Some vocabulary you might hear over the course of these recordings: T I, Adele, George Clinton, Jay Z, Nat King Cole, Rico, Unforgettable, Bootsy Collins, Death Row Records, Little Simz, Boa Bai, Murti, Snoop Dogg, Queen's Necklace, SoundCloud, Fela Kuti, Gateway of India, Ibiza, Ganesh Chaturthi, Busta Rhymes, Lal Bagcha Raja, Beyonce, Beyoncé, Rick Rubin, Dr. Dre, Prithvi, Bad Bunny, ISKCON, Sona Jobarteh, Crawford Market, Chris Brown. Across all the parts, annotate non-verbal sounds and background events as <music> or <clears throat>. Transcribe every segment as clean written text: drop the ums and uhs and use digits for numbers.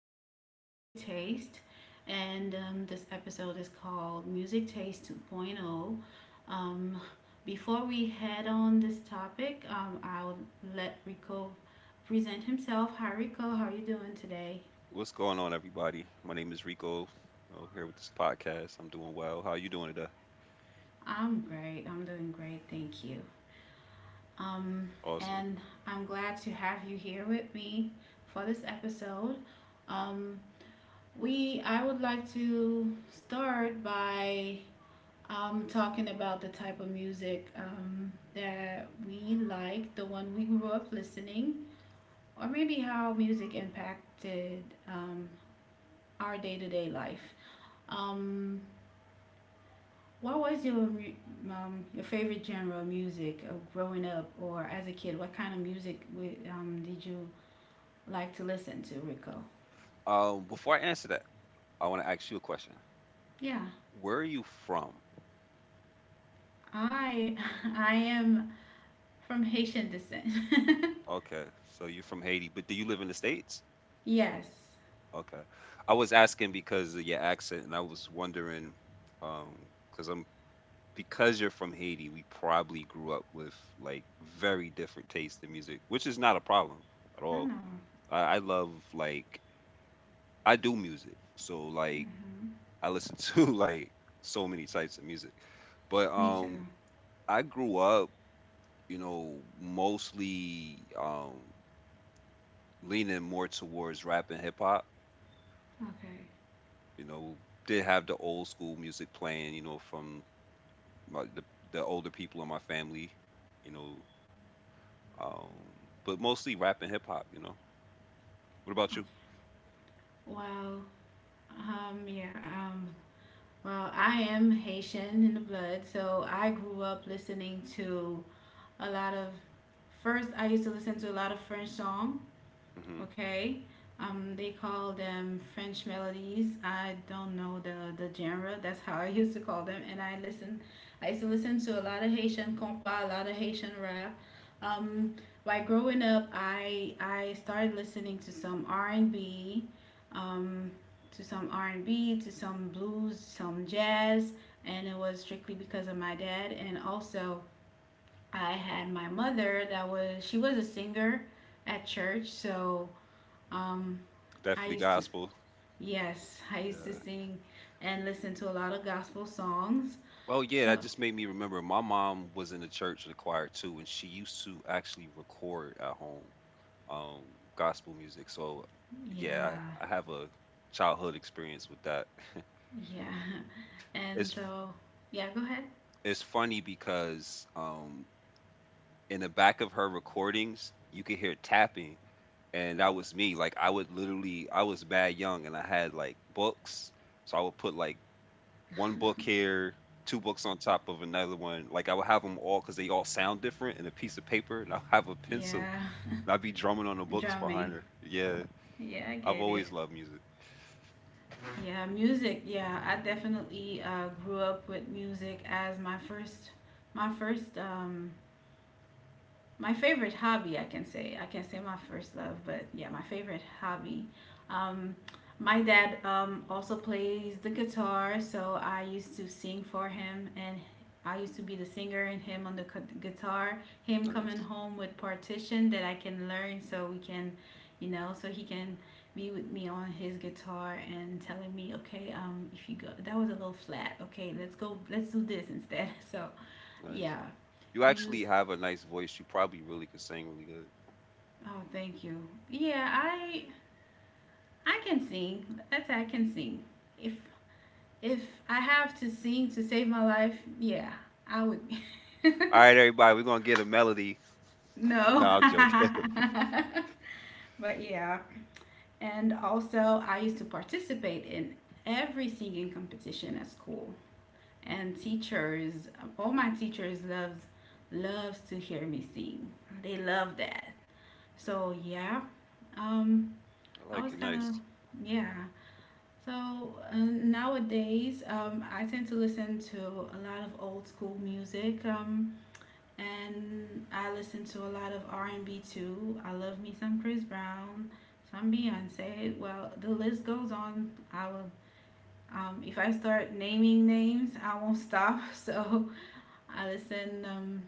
music or music taste. And This episode is called Music Taste 2.0. Um, Before we head on this topic, I'll let Rico present himself. Hi, Rico. How are you doing today? What's going on, everybody? My name is Rico. I'm here with this podcast. I'm doing well. How you doing today? I'm great. I'm doing great. Thank you. Um, Awesome. and I'm glad to have you here with me for this episode. Um, we I would like to start by talking about the type of music that we like, the one we grew up listening, or maybe how music impacted um, our day to day life. Um, what was your favorite genre of music of growing up or as a kid? What kind of music we did you like to listen to, Rico? Before I answer that, I want to ask you a question. Yeah, Where are you from? I <laughs> I am from Haitian descent. Okay, so you're from Haiti, but do you live in the States? <laughs> Yes, Okay. I was asking because of your accent, and I was wondering, um, because I'm because you're from Haiti, we probably grew up with like very different tastes in music, which is not a problem at I all. know. I love like I do music, so like Hmm. I listen to <laughs> like so many types of music. But Me too. um I grew up, you know, mostly leaning more towards rap and hip hop, Okay. you know, did have the old school music playing, you know, from my, the older people in my family, you know, um but mostly rap and hip hop, you know. What about Okay. you? Well, yeah, um, well, I am Haitian in the blood, so I grew up listening to a lot of. First, I used to listen to a lot of French songs. Mhm. Okay. They call them French melodies. I don't know the genre. That's how I <laughs> used to call them. And I listen, I used to listen to a lot of Haitian compa, a lot of Haitian rap. Um, by growing up, I started listening to some R and B, um, to some R and B, to some blues, some jazz, and it was strictly because of my dad. And also, I had my mother that was she was a singer at church, so um, I Definitely used to, gospel. yes, I used to Yeah. sing and listen to a lot of gospel songs. Oh yeah, So, that just made me remember. My mom was in the church and the choir too, and she used to actually record at home. um, Gospel music. So yeah, yeah, I have a childhood experience with that. <laughs> yeah. <laughs> And it's so, yeah, go ahead. it's funny because in the back of her recordings, you could hear tapping, and that was me. Like I would literally, I was mad young, and I had like books, so I would put like one book here. Two books on top of another one, like I would have them all because they all sound different, and a piece of paper, and <laughs> I'll have a pencil, Yeah, and I'd be drumming on the books drumming. behind her. Yeah, Yeah, I I've get it. always loved music. Yeah, music. Yeah, I definitely grew up with music as my first, my first my favorite hobby, I can say, I can't say my first love, but yeah, my favorite hobby. um, my dad also plays the guitar, so I used to sing for him, and I used to be the singer and him on the guitar, him coming Nice, home with partition that I can learn, so we can, you know, so he can be with me on his guitar and telling me, okay, if you go that was a little flat, okay, let's go, let's do this instead. <laughs> So nice. yeah, You actually music. have a nice voice. You probably really could sing really good. Oh, thank you. Yeah, I can sing. That's I can sing. If if I have to sing to save my life, yeah, I would. <laughs> All right, everybody, we're gonna get a melody. <laughs> No, No. I'm joking. <laughs> But yeah. And also, I used to participate in every singing competition at school. And teachers, all my teachers loves loves to hear me sing. They love that. So yeah, um, I I like was it. kind of Nice. yeah. So nowadays, I tend to listen to a lot of old school music, and I listen to a lot of R and B too. I love me some Chris Brown, some Beyonce. Well, the list goes on. I will. If I start naming names, I won't <laughs> stop. So I listen.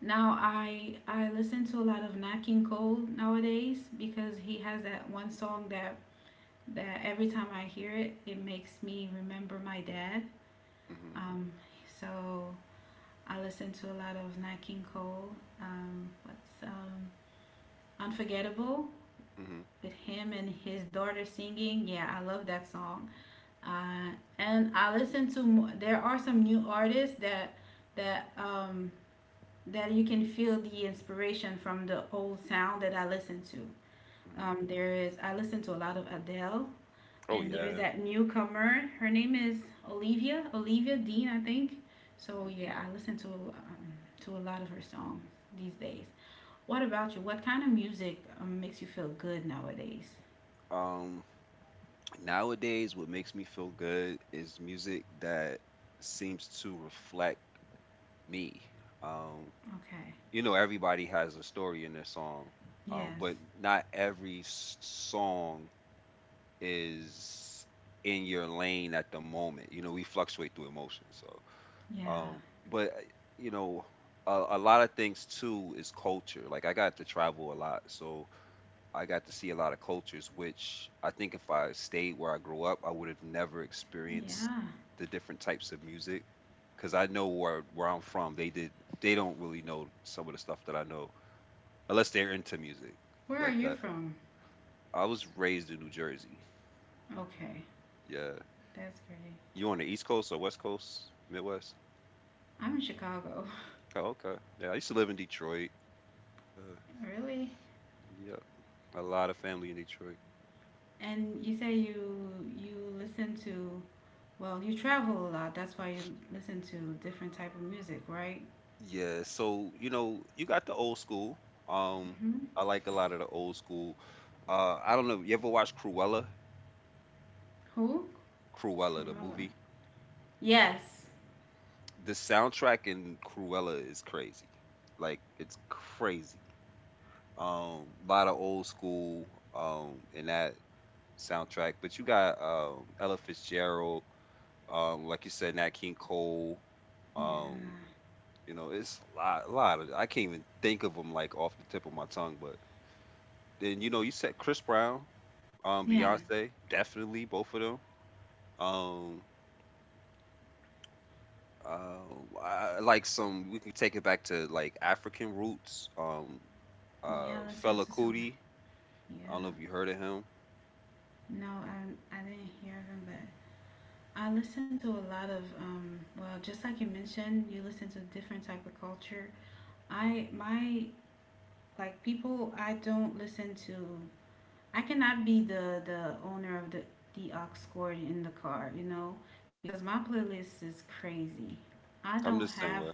Now I listen to a lot of Nat King Cole nowadays because he has that one song that that every time I hear it, it makes me remember my dad. Hmm Um, so I listen to a lot of Nat King Cole. What's Unforgettable hmm with him and his daughter singing? Yeah, I love that song. Uh, and I listen to. There are some new artists that that that you can feel the inspiration from the old sound that I listen to. hmm There is I listen to a lot of Adele. Oh And there's yeah. that newcomer. Her name is Olivia, Olivia Dean, I think. So hmm yeah, I listen to a lot of her songs these days. What about you? What kind of music makes you feel good nowadays? Um, Nowadays, what makes me feel good is music that seems to reflect me. Um, Okay. you know, everybody has a story in their song, Yes. but not every song is in your lane at the moment. You know, we fluctuate through emotions. So Yeah. Um, but you know, a lot of things too is culture. Like I got to travel a lot, so I got to see a lot of cultures, which I think if I stayed where I grew up, I would have never experienced Yeah. the different types of music. Cause I know where I'm from, they don't really know some of the stuff that I know unless they're into music Where are like you that. from? I was raised in New Jersey. Okay. Yeah, That's great. you on the East Coast or West Coast, Midwest? I'm in Chicago. Oh, okay. Yeah, I used to live in Detroit. Uh, <laughs> Really? yeah. A lot of family in Detroit. And you say you you listen to, well, you travel a lot. That's why you listen to different type of music, right? Yeah, so you know, you got the old school. Um, I like a lot of the old school. I don't know. You ever watch Cruella? Who? Cruella, the Corolla. movie. Yes. The soundtrack in Cruella is crazy. Like it's crazy. A lot of old school in that soundtrack. But you got Ella Fitzgerald, like you said, Nat King Cole. Yeah. Um, you know, it's a lot of. I can't even think of them like off the tip of my tongue, but then you know you said Chris Brown, Yeah. Beyonce, definitely both of them. Um, I like some we can take it back to like African roots. Yeah, I listened Fela to some. Kuti. Yeah. I don't know if you heard of him. No, I didn't hear of him, but I listened to a lot of, well, just like you mentioned, you listen to different type of culture. I, my, like, people I don't listen to, I cannot be the owner of the aux cord in the car, you know, because my playlist is crazy. I I'm don't the same have, way.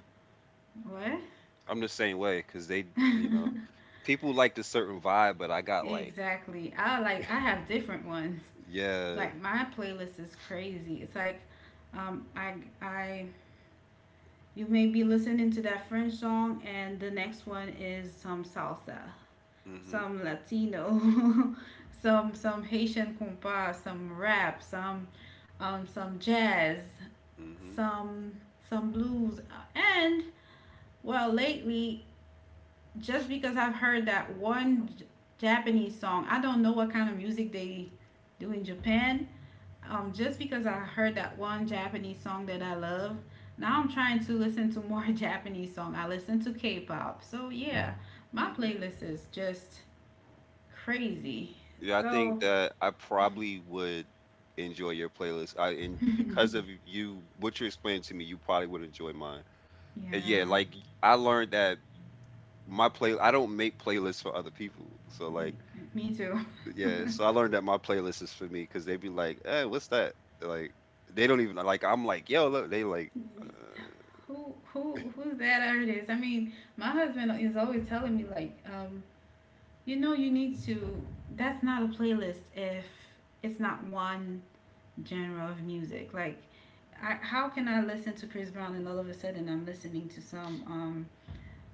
what? I'm the same way because they, you know, <laughs> people like the certain vibe, but I got like, Exactly. I like I have different ones. yeah, Like my playlist is crazy. It's like um I I you may be listening to that French song and the next one is some salsa, mhm, some Latino, <laughs> some Haitian compas, some rap, some jazz, mhm, some some blues, and well lately, just because I've heard that one Japanese song, I don't know what kind of music they do in Japan. Just because I heard that one Japanese song that I love, now I'm trying to listen to more <laughs> Japanese song. I listen to K-pop, so yeah, my mhm. playlist is just crazy. Yeah, I think So that I probably would enjoy your playlist. I and because of you, what you're explaining to me, you probably would enjoy mine. And yeah, yeah, like I learned that my play I don't make playlists for other people. So like me too. yeah, <laughs> so I learned that my playlist is for me because they be like, "Hey, what's that?" Like they don't even like. I'm like, "Yo, look." They like, uh, Who who's that artist? I mean, my husband is always telling me like, you know, you need to. That's not a playlist if it's not one genre of music. Like, I, how can I listen to Chris Brown and all of a sudden I'm listening to some um,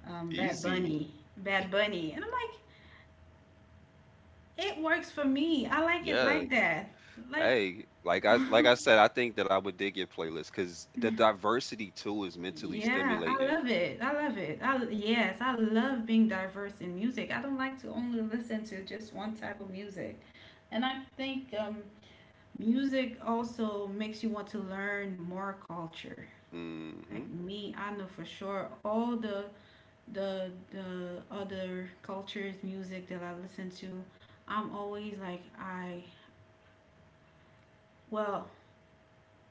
um, Bad "Easy, Bunny, Bad Bunny, and I'm like, it works for me. I like it yeah." like that. Like, Hey, like I said, I think that I would dig your playlist because the <laughs> diversity too is mentally yeah, I stimulating. love it. I love it. I yes, I love being diverse in music. I don't like to only listen to just one type of music, and I think music also makes you want to learn more culture. Hmm Like me, I know for sure all the the other cultures music that I listen to. I'm always like I, well,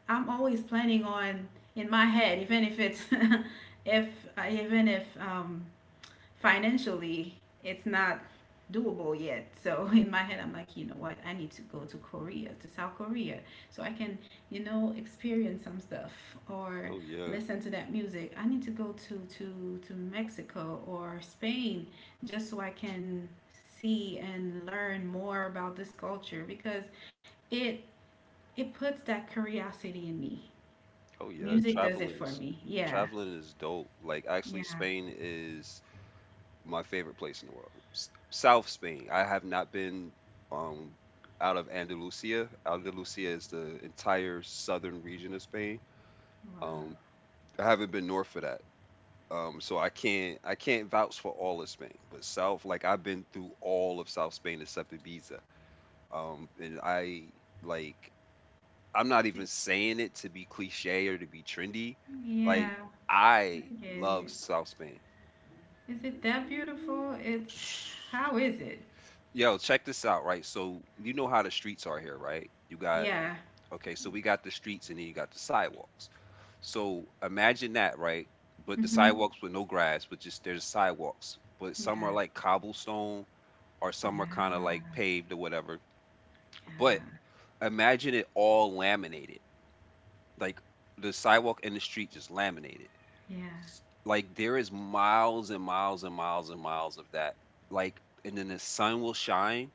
I'm always planning on in my head, even if it's <laughs> if even if financially it's not doable yet, so <laughs> in my head I'm like, you know what, I need to go to Korea, to South Korea, so I can, you know, experience some stuff, or Oh yeah. listen to that music. I need to go to Mexico or Spain, just so I can see and learn more about this culture, because it it puts that curiosity in me. Oh yeah. Music does it Traveling for is me, yeah. traveling is dope. Like actually, Yeah. Spain is my favorite place in the world. South Spain. I have not been um out of Andalusia. Andalusia is the entire southern region of Spain. Wow. Um, I haven't been north of that. So I can't vouch for all of Spain, but south like I've been through all of South Spain except Ibiza. And I like I'm not even saying it to be cliche or to be trendy. Yeah, Like I I get love it. South Spain. Is it that beautiful? It's how <sighs> is it? Yo, check this out, right? So you know how the streets are here, right? You got Yeah. okay, so we got the streets and then you got the sidewalks. So imagine that, right? But the Mm-hmm. sidewalks with no grass, but just there's sidewalks. But some are Yeah. like cobblestone or some are kind of like Yeah. paved or whatever. But Yeah. imagine it all laminated. Like the sidewalk and the street just laminated. Yeah. Like there is miles and miles and miles and miles of that. Like and then the sun will shine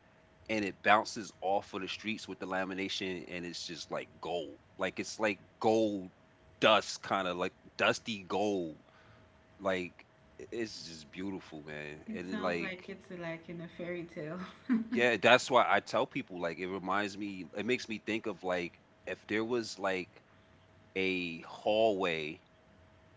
and it bounces off of the streets with the lamination, and it's just like gold, like it's like gold dust, kind of like dusty gold, like it's just beautiful, man. It And then, sounds like like it's like in a fairy tale. <laughs> yeah, that's why I tell people like it reminds me, it makes me think of like if there was like a hallway,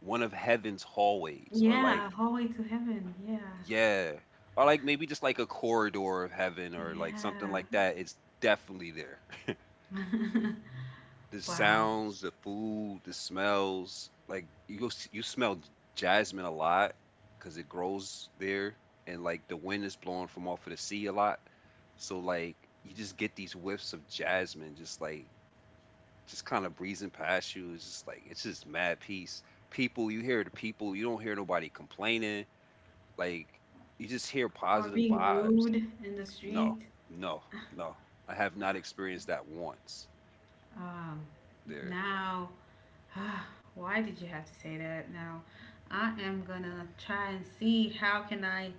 one of heaven's hallways, or like Yeah, hallway to heaven. Yeah. yeah, or like maybe just like a corridor of heaven or like something Yeah. like that. It's definitely there, the Wow. sounds, the food, the smells. Like you go you smell jasmine a lot because it grows there, and like the wind is blowing from off of the sea a lot. So like you just get these whiffs of jasmine, just like just kind of breezing past you. It's just like it's just mad peace. People, you hear the people. You don't hear nobody complaining. Like you just hear Or positive being vibes. rude in the No, street. no, no. I have not experienced that once Um, there. Now, <sighs> why did you have to say that? Now, I am gonna try and see how can I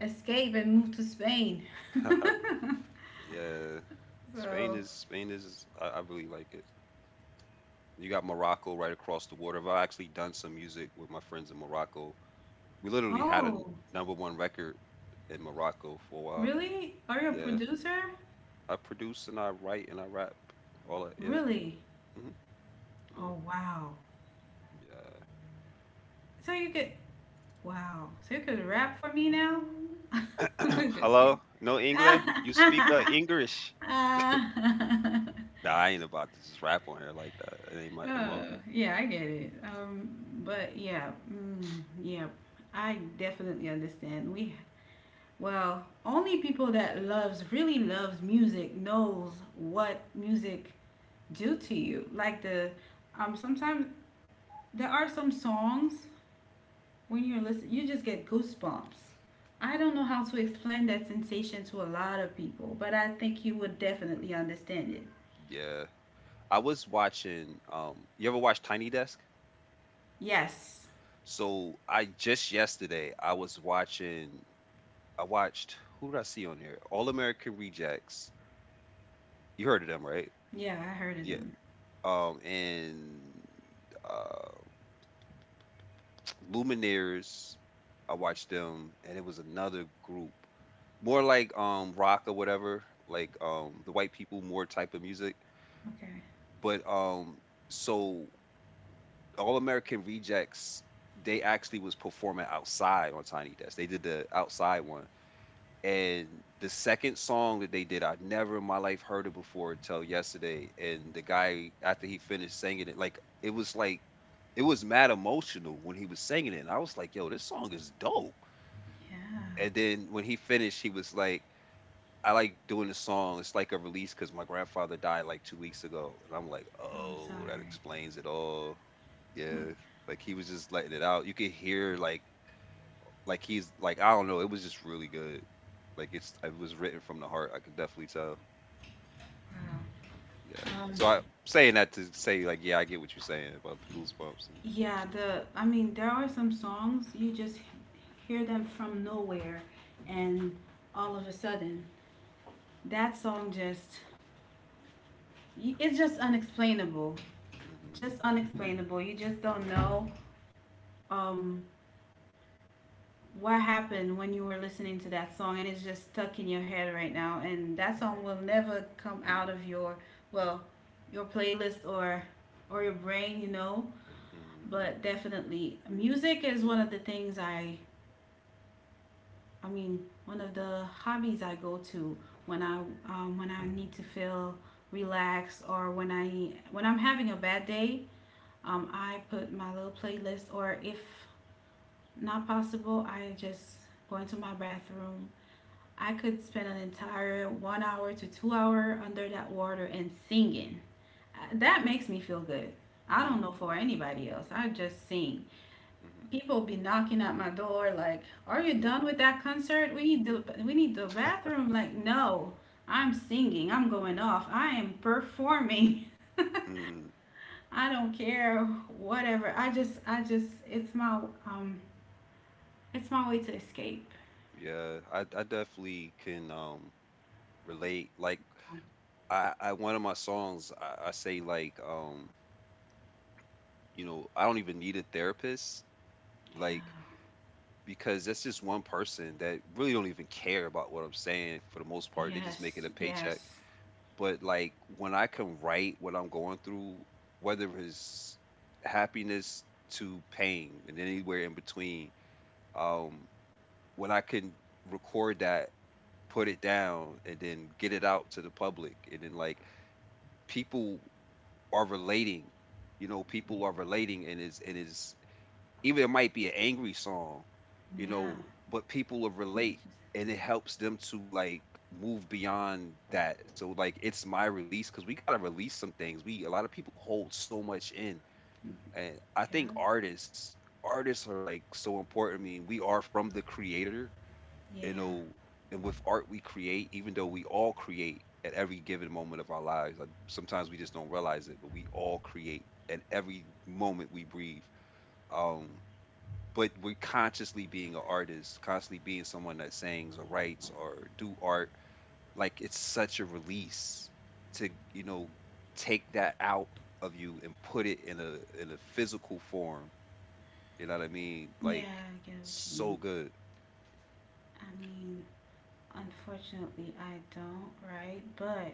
escape and move to Spain. <laughs> <laughs> Yeah, Spain So, is Spain is I, I really like it. You got Morocco right across the water. I've actually done some music with my friends in Morocco. We literally had a oh, number one record in Morocco for a while. really? Are you a Yeah, producer? I produce and I write and I rap. All that. Yeah. Really? hmm Yeah. Oh, wow. Yeah. So you could, wow. So you could rap for me now? <laughs> Just Hello, kidding. no English? You speak English? <laughs> Nah, I ain't about to just rap on here like that. It ain't my mo. Oh, yeah, I get it. But yeah, yeah, I definitely understand. We, well, only people that loves, really loves music knows what music do to you. Like the, sometimes there are some songs when you're listening, you just get goosebumps. I don't know how to explain that sensation to a lot of people, but I think you would definitely understand it. Yeah. I was watching. You ever watch Tiny Desk? Yes. So I just yesterday I was watching I watched who did I see on there? All American Rejects. You heard of them, right? Yeah, I heard of Yeah. them. And uh Lumineers. I watched them and it was another group. More like rock or whatever, like the white people more type of music. Okay. But so All American Rejects, they actually was performing outside on Tiny Desk. They did the outside one and the second song that they did, I'd never in my life heard it before until yesterday. And the guy, after he finished singing it, like it was mad emotional when he was singing it. And I was like, yo, this song is dope. Yeah. And then when he finished, he was like, I like doing the song. It's like a release because my grandfather died like 2 weeks ago. And I'm like, Oh, I'm oh, that sorry. explains it all. Oh, Yeah. Like he was just letting it out. You could hear like he's like I don't know. It was just really good. Like it was written from the heart. I could definitely tell. Yeah. wow. So I saying that to say like yeah, I get what you're saying about the goosebumps and. Yeah, the I mean, there are some songs you just hear them from nowhere and all of a sudden that song just it's just unexplainable. Hmm Just unexplainable. You just don't know um what happened when you were listening to that song and it's just stuck in your head right now, and that song will never come out of your, well, your playlist or your brain, you know. But definitely music is one of the things I mean, one of the hobbies I go to when I, when I need to feel relaxed or when I when I'm having a bad day, I put my little playlist, or if not possible I just go into my bathroom. I could spend an entire 1 hour to 2 hour under that water and singing. That makes me feel good. I hmm don't mm know for anybody else. I just sing. People be knocking at my door like, "Are you hmm done with that concert? We need the bathroom." Like, no, I'm singing. I'm going off. I am performing. Mm, <laughs> I don't care whatever. I just it's my way to escape. yeah, I definitely can relate. Like I one of my songs I say like you know I don't even need a therapist like Yeah. because that's just one person that really don't even care about what I'm saying for the most part. They just making Yes. a paycheck. Yes. But like when I can write what I'm going through, whether it's happiness to pain and anywhere in between, um, when I can record that, put it down, and then get it out to the public, and then like people are relating, you know, people are relating, and is even it might be an angry song, you Yeah. know, but people will relate Just and it helps them to like move beyond that. So like it's my release because we gotta release some things. We a lot of people hold so much in. And I think yeah, artists are like so important. I mean, we are from the creator, yeah, you know, and with art we create, even though we all create at every given moment of our lives. Like sometimes we just don't realize it, but we all create at every moment we breathe. Um but we're consciously being an artist, constantly being someone that sings or writes or do art. Like it's such a release to take that out of you and put it in a physical form. You know what I mean? Like, yeah, I get what you so mean. good. I mean, unfortunately, I don't, right? But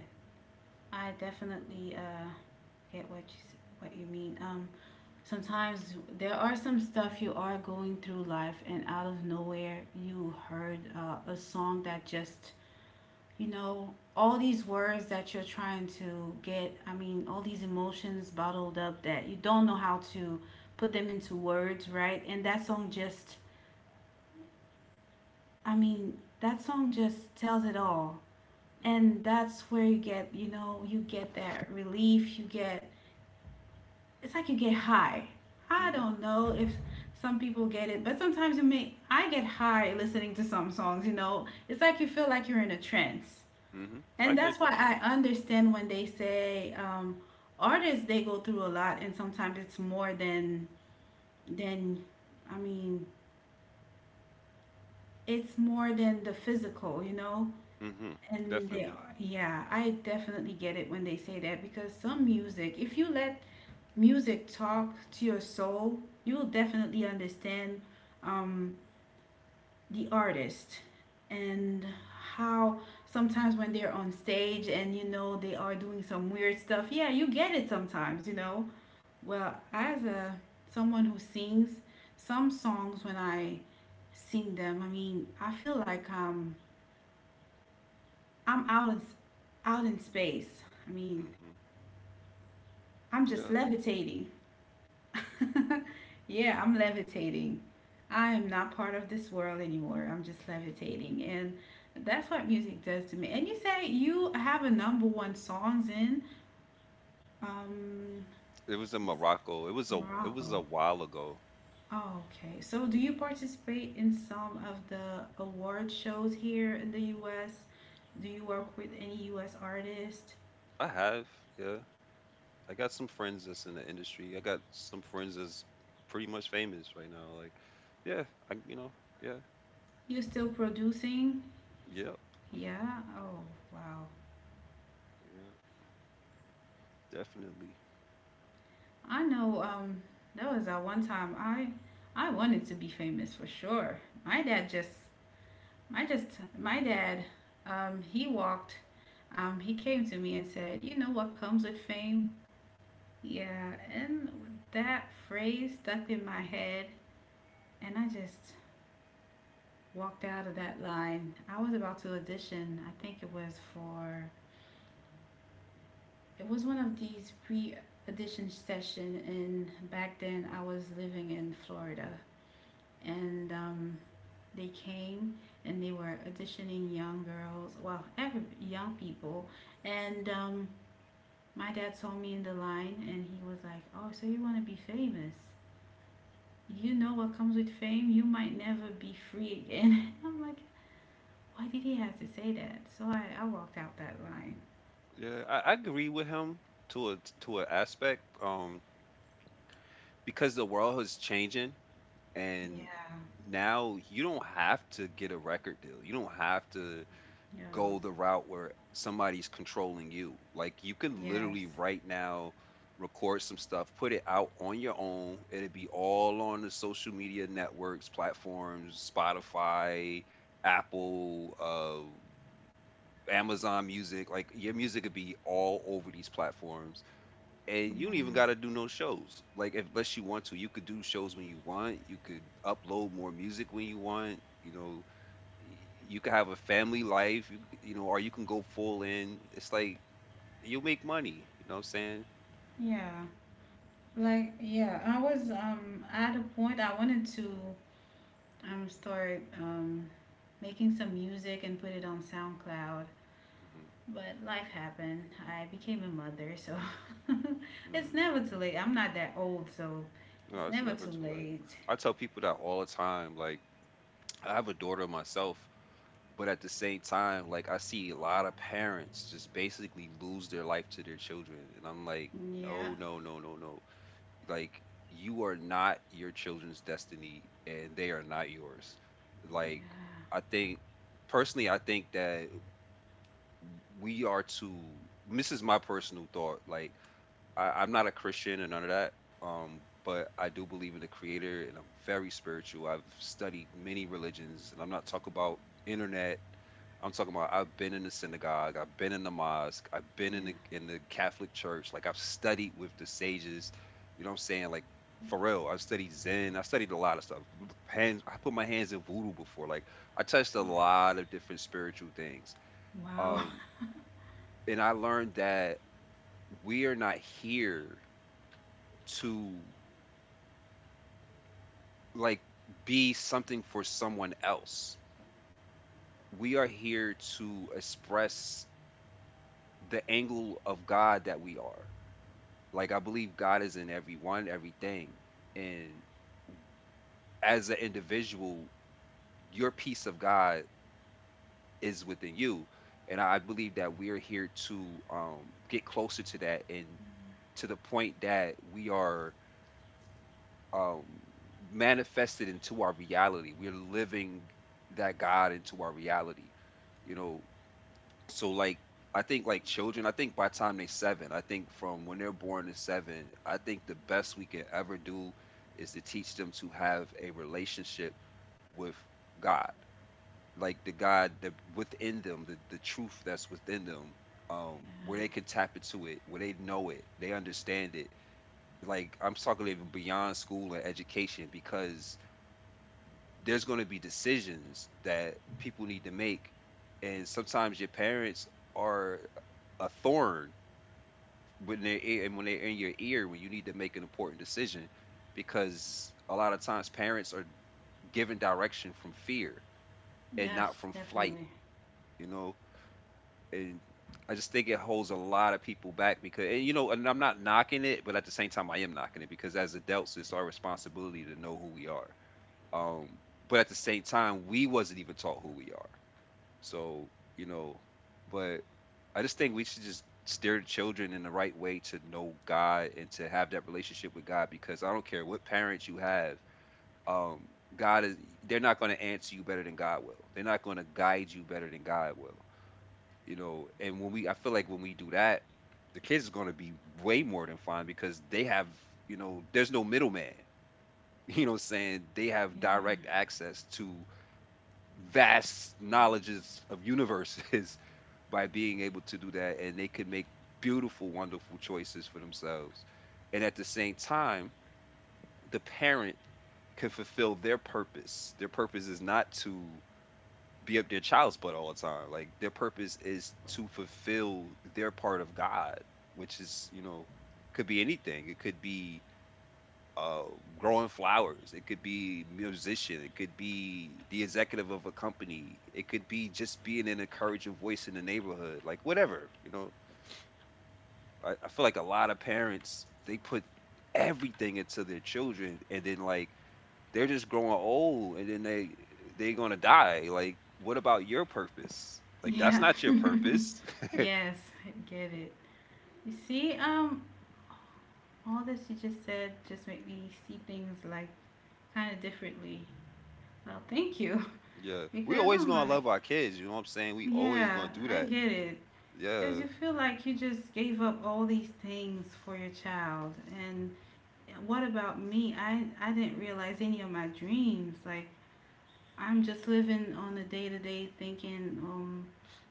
I definitely get what you what you mean. Sometimes there are some stuff you are going through life, and out of nowhere, you heard a song that just, you know, all these words that you're trying to get. I mean, all these emotions bottled up that you don't know how to put them into words, right? And that song just I mean, that song just tells it all. And that's where you get, you get that relief. You get, it's like you get high. I Hmm, don't know if some people get it, but sometimes you may, I get high listening to some songs. It's like you feel like you're in a trance. hmm, hmm, And I that's get why I understand when they say artists, they go through a lot, and sometimes it's more than, I mean, it's more than the physical, you know? you. Hmm. And they Definitely. are. Yeah, I definitely get it when they say that because some music, if you let music talk to your soul, you will definitely understand um, the artist and how sometimes when they're on stage and you know they are doing some weird stuff. Yeah, you get it sometimes, you know. Well, as a someone who sings, some songs when I sing them, I mean, I feel like I'm out in, out in space. I mean, Hmm. I'm just Yeah. levitating. <laughs> Yeah, I'm levitating. I am not part of this world anymore. I'm just levitating. And that's what music does to me. And you say you have a number one songs in um, It was in Morocco. It was a Morocco. while ago. Oh, okay. So do you participate in some of the award shows here in the US? Do you work with any US artist? I have. Yeah. I got some friends that's in the industry. I got some friends that's pretty much famous right now. Like, yeah, I, yeah, You still producing? yep, Yeah. Oh, wow. yeah, definitely. I know. That was at one time. I wanted to be famous for sure. My dad just, my dad. He walked. He came to me and said, "You know what comes with fame?" Yeah, and that phrase stuck in my head, and I just walked out of that line. I was about to audition. I think it was for It was one of these pre audition session, and back then I was living in Florida, and they came and they were auditioning young girls, well, every young people, and my dad saw me in the line, and he was like, "Oh, so you want to be famous? You know what comes with fame? You might never be free again." <laughs> I'm like, "Why did he have to say that?" So I walked out that line. Yeah, I agree with him to a to an aspect. Because the world is changing, and Yeah, now you don't have to get a record deal. You don't have to yeah, go the route where somebody's controlling you. Like, you can yes, literally right now record some stuff, put it out on your own. It'd be all on the social media networks, platforms, Spotify, Apple, Amazon Music. Like your music could be all over these platforms. And you don't even gotta yeah. do no shows. Like, if, unless you want to, you could do shows when you want. You could upload more music when you want. You know, you can have a family life, you c- you know, or you can go full in. It's like you'll make money. You know what I'm saying? Yeah, like yeah, I was at a point I wanted to start making some music and put it on SoundCloud, Mm-hmm. but life happened. I became a mother, so <laughs> it's mm never too late. I'm not that old, so No, it's it's never never too too late. late. I tell people that all the time. Like, I have a daughter myself, but at the same time, like I see a lot of parents just basically lose their life to their children, and I'm like, Yeah. no, no, no, no, no. Like, you are not your children's destiny, and they are not yours. Like, Yeah. I think personally, I think that we are to, this is my personal thought, like, I'm not a Christian and none of that. But I do believe in the creator, and I'm very spiritual. I've studied many religions, and I'm not talking about internet. I'm talking about, I've been in the synagogue, I've been in the mosque, I've been in Yeah. the Catholic church. Like, I've studied with the sages. You know what I'm saying? Like, for real, I've studied Zen, I studied a lot of stuff. Hands I put my hands in voodoo before. Like, I touched a lot of different spiritual things. Wow. um and I learned that we are not here to, like, be something for someone else. We are here to express the angle of God that we are. Like, I believe God is in everyone, everything. And as an individual, your piece of God is within you. And I believe that we are here to get closer to that, and to the point that we are um, manifested into our reality. We're living that God into our reality, you know. So like, I think like children, I think by the time they're seven, I think from when they're born to seven, I think the best we can ever do is to teach them to have a relationship with God, like the God that within them, the truth that's within them, where they Yeah. can tap into it, where they know it, they understand it. Like, I'm talking even beyond school and education, because there's going to be decisions that people need to make, and sometimes your parents are a thorn when they're in your ear when you need to make an important decision, because a lot of times parents are given direction from fear and Yes, not from flight. definitely. you know and I just think it holds a lot of people back, because and you know and I'm not knocking it, but at the same time I am knocking it, because as adults it's our responsibility to know who we are. um but at the same time we wasn't even taught who we are. So, you know, but I just think we should just steer the children in the right way to know God and to have that relationship with God, because I don't care what parents you have, um, God is, they're not gonna answer you better than God will. They're not gonna guide you better than God will. You know, and when we I feel like when we do that, the kids are gonna be way more than fine, because they have, there's no middleman. <laughs> You know what I'm saying? They have Yeah. direct access to vast knowledges of universes by being able to do that, and they can make beautiful, wonderful choices for themselves. And at the same time, the parent can fulfill their purpose. Their purpose is not to be up their child's butt all the time. Like, their purpose is to fulfill their part of God, which is, could be anything. It could be uh, growing flowers, it could be musician, it could be the executive of a company, it could be just being an encouraging voice in the neighborhood, like whatever. I feel like a lot of parents, they put everything into their children, and then like they're just growing old, and then they're gonna die. Like, what about your purpose? Like, that's Yeah. not your <laughs> purpose. Yes, I get it. You see, all this you just said just made me see things like kind of differently. Well, thank you. <laughs> Yeah, <laughs> we Because always I'm gonna like, love our kids. You know what I'm saying? We always yeah, gonna do I that. get it. Because Yeah. you feel like you just gave up all these things for your child. And what about me? I didn't realize any of my dreams. Like, I'm just living on a day to day thinking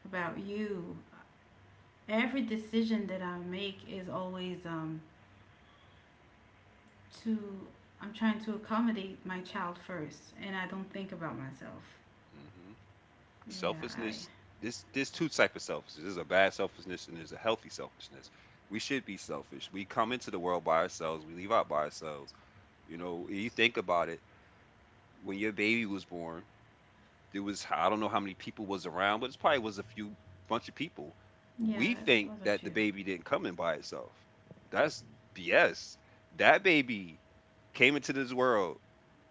about you. Every decision that I make is always to I'm trying to accommodate my child first, and I don't think about myself. Hmm. Yeah, I Selfishness. This There's two type of selfishness. There's a bad selfishness and there's a healthy selfishness. We should be selfish. We come into the world by ourselves. We leave out by ourselves. You know, you think about it. When your baby was born, there was, I don't know how many people was around, but it probably was a few, bunch of people. yeah, We that think was a that the few. baby didn't come in by itself. That's BS. That baby came into this world,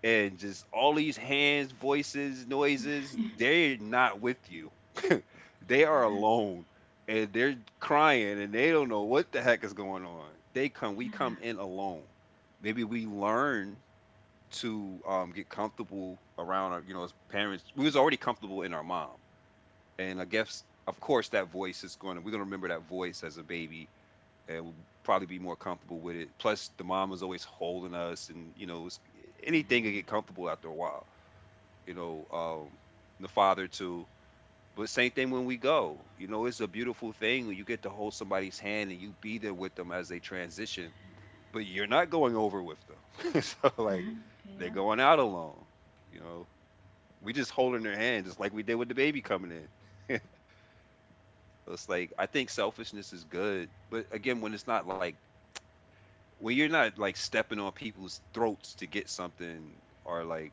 and just all these hands, voices, noises, they're not with you. <laughs> They are alone, and they're crying and they don't know what the heck is going on. We Yeah, come in alone. Maybe we learn to get comfortable around our, as parents. We was already comfortable in our mom, and I guess, of course, that voice is going to. We're going to remember that voice as a baby, and we'll probably be more comfortable with it. Plus, the mom was always holding us, and it's, anything yeah, can get comfortable after a while. You know, um, the father too. But same thing when we go. You know, it's a beautiful thing when you get to hold somebody's hand and you be there with them as they transition, but you're not going over with them. <laughs> So like, they're yeah, going out alone. You know, we just holding their hand, just like we did with the baby coming in. So it's like, I think selfishness is good, but again, when it's not like, when you're not like stepping on people's throats to get something, or like,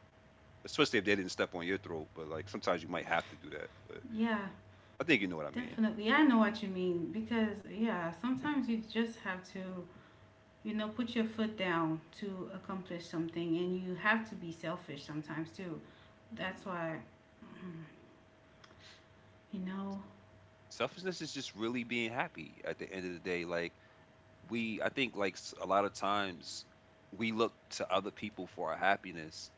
especially if they didn't step on your throat, but like, sometimes you might have to do that. But yeah. I think you know what I mean. Definitely, I know what you mean because yeah, sometimes you just have to put your foot down to accomplish something, and you have to be selfish sometimes too. That's Hmm. why, mm, you know, Selfishness is just really being happy at the end of the day. Like, we I think like a lot of times we look to other people for our happiness,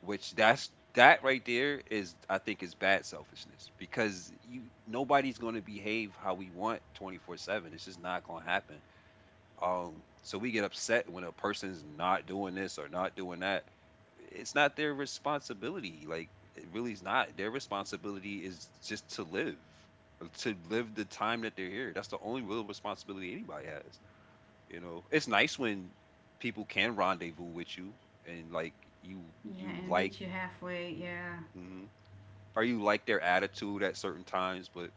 which that's that right there is, I think, is bad selfishness, because you nobody's going to behave how we want 24/7, it's just not going to happen. So we get upset when a person's not doing this or not doing that. It's not their responsibility, like it really is not their responsibility, is just to live the time that they're here. That's the only real responsibility anybody has. It's nice when people can rendezvous with you, and like, you yeah, you and like, meet you halfway. Yeah, mhm. Or you like their attitude at certain times, but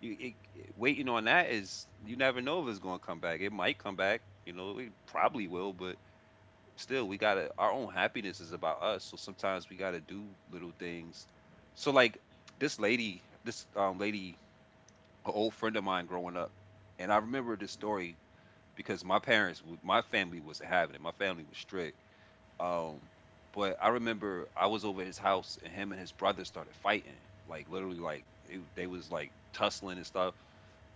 waiting on that is, you never know if it's going to come back. It might come back, it probably will, but still we got to, our own happiness is about us. So sometimes we got to do little things. So like, this lady, an old friend of mine growing up, and I remember this story because my family wasn't having it. My family was strict. Um, but I remember I was over at his house, and him and his brother started fighting, like literally, like they was like tussling and stuff.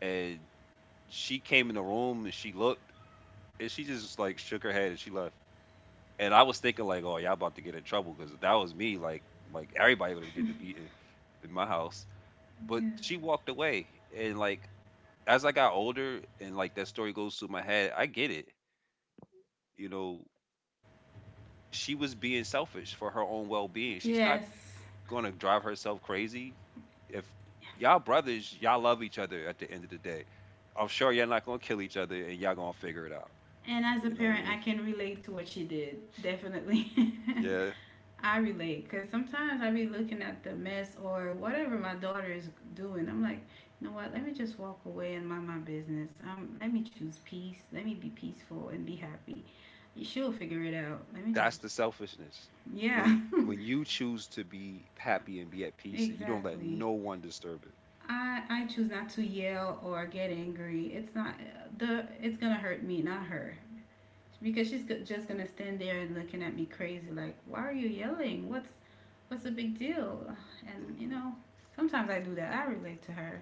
And she came in the room, and she looked, and she just like shook her head and she left. And I was thinking like, oh, y'all about to get in trouble because if that was me. Like, everybody would have getting beaten in my house. But yeah, she walked away and like as I got older and like that story goes through my head, I get it. You know, she was being selfish for her own well being. She's not yes. gonna drive herself crazy. If y'all brothers, y'all love each other at the end of the day. I'm sure y'all not gonna kill each other and y'all gonna figure it out. And as a You know what I parent, mean? I can relate to what she did. Definitely. Yeah. <laughs> I relate because sometimes I be looking at the mess or whatever my daughter is doing. I'm like, you know what? Let me just walk away and mind my business. Let me choose peace. Let me be peaceful and be happy. She'll figure it out. That's the selfishness. Yeah, When you choose to be happy and be at <laughs> peace and you don't let exactly. no one disturb it. I choose not to yell or get angry. It's not the. It's gonna hurt me, not her. Because she's just gonna stand there looking at me crazy like, why are you yelling? What's the big deal? And you hmm know, sometimes I do that, I relate to her,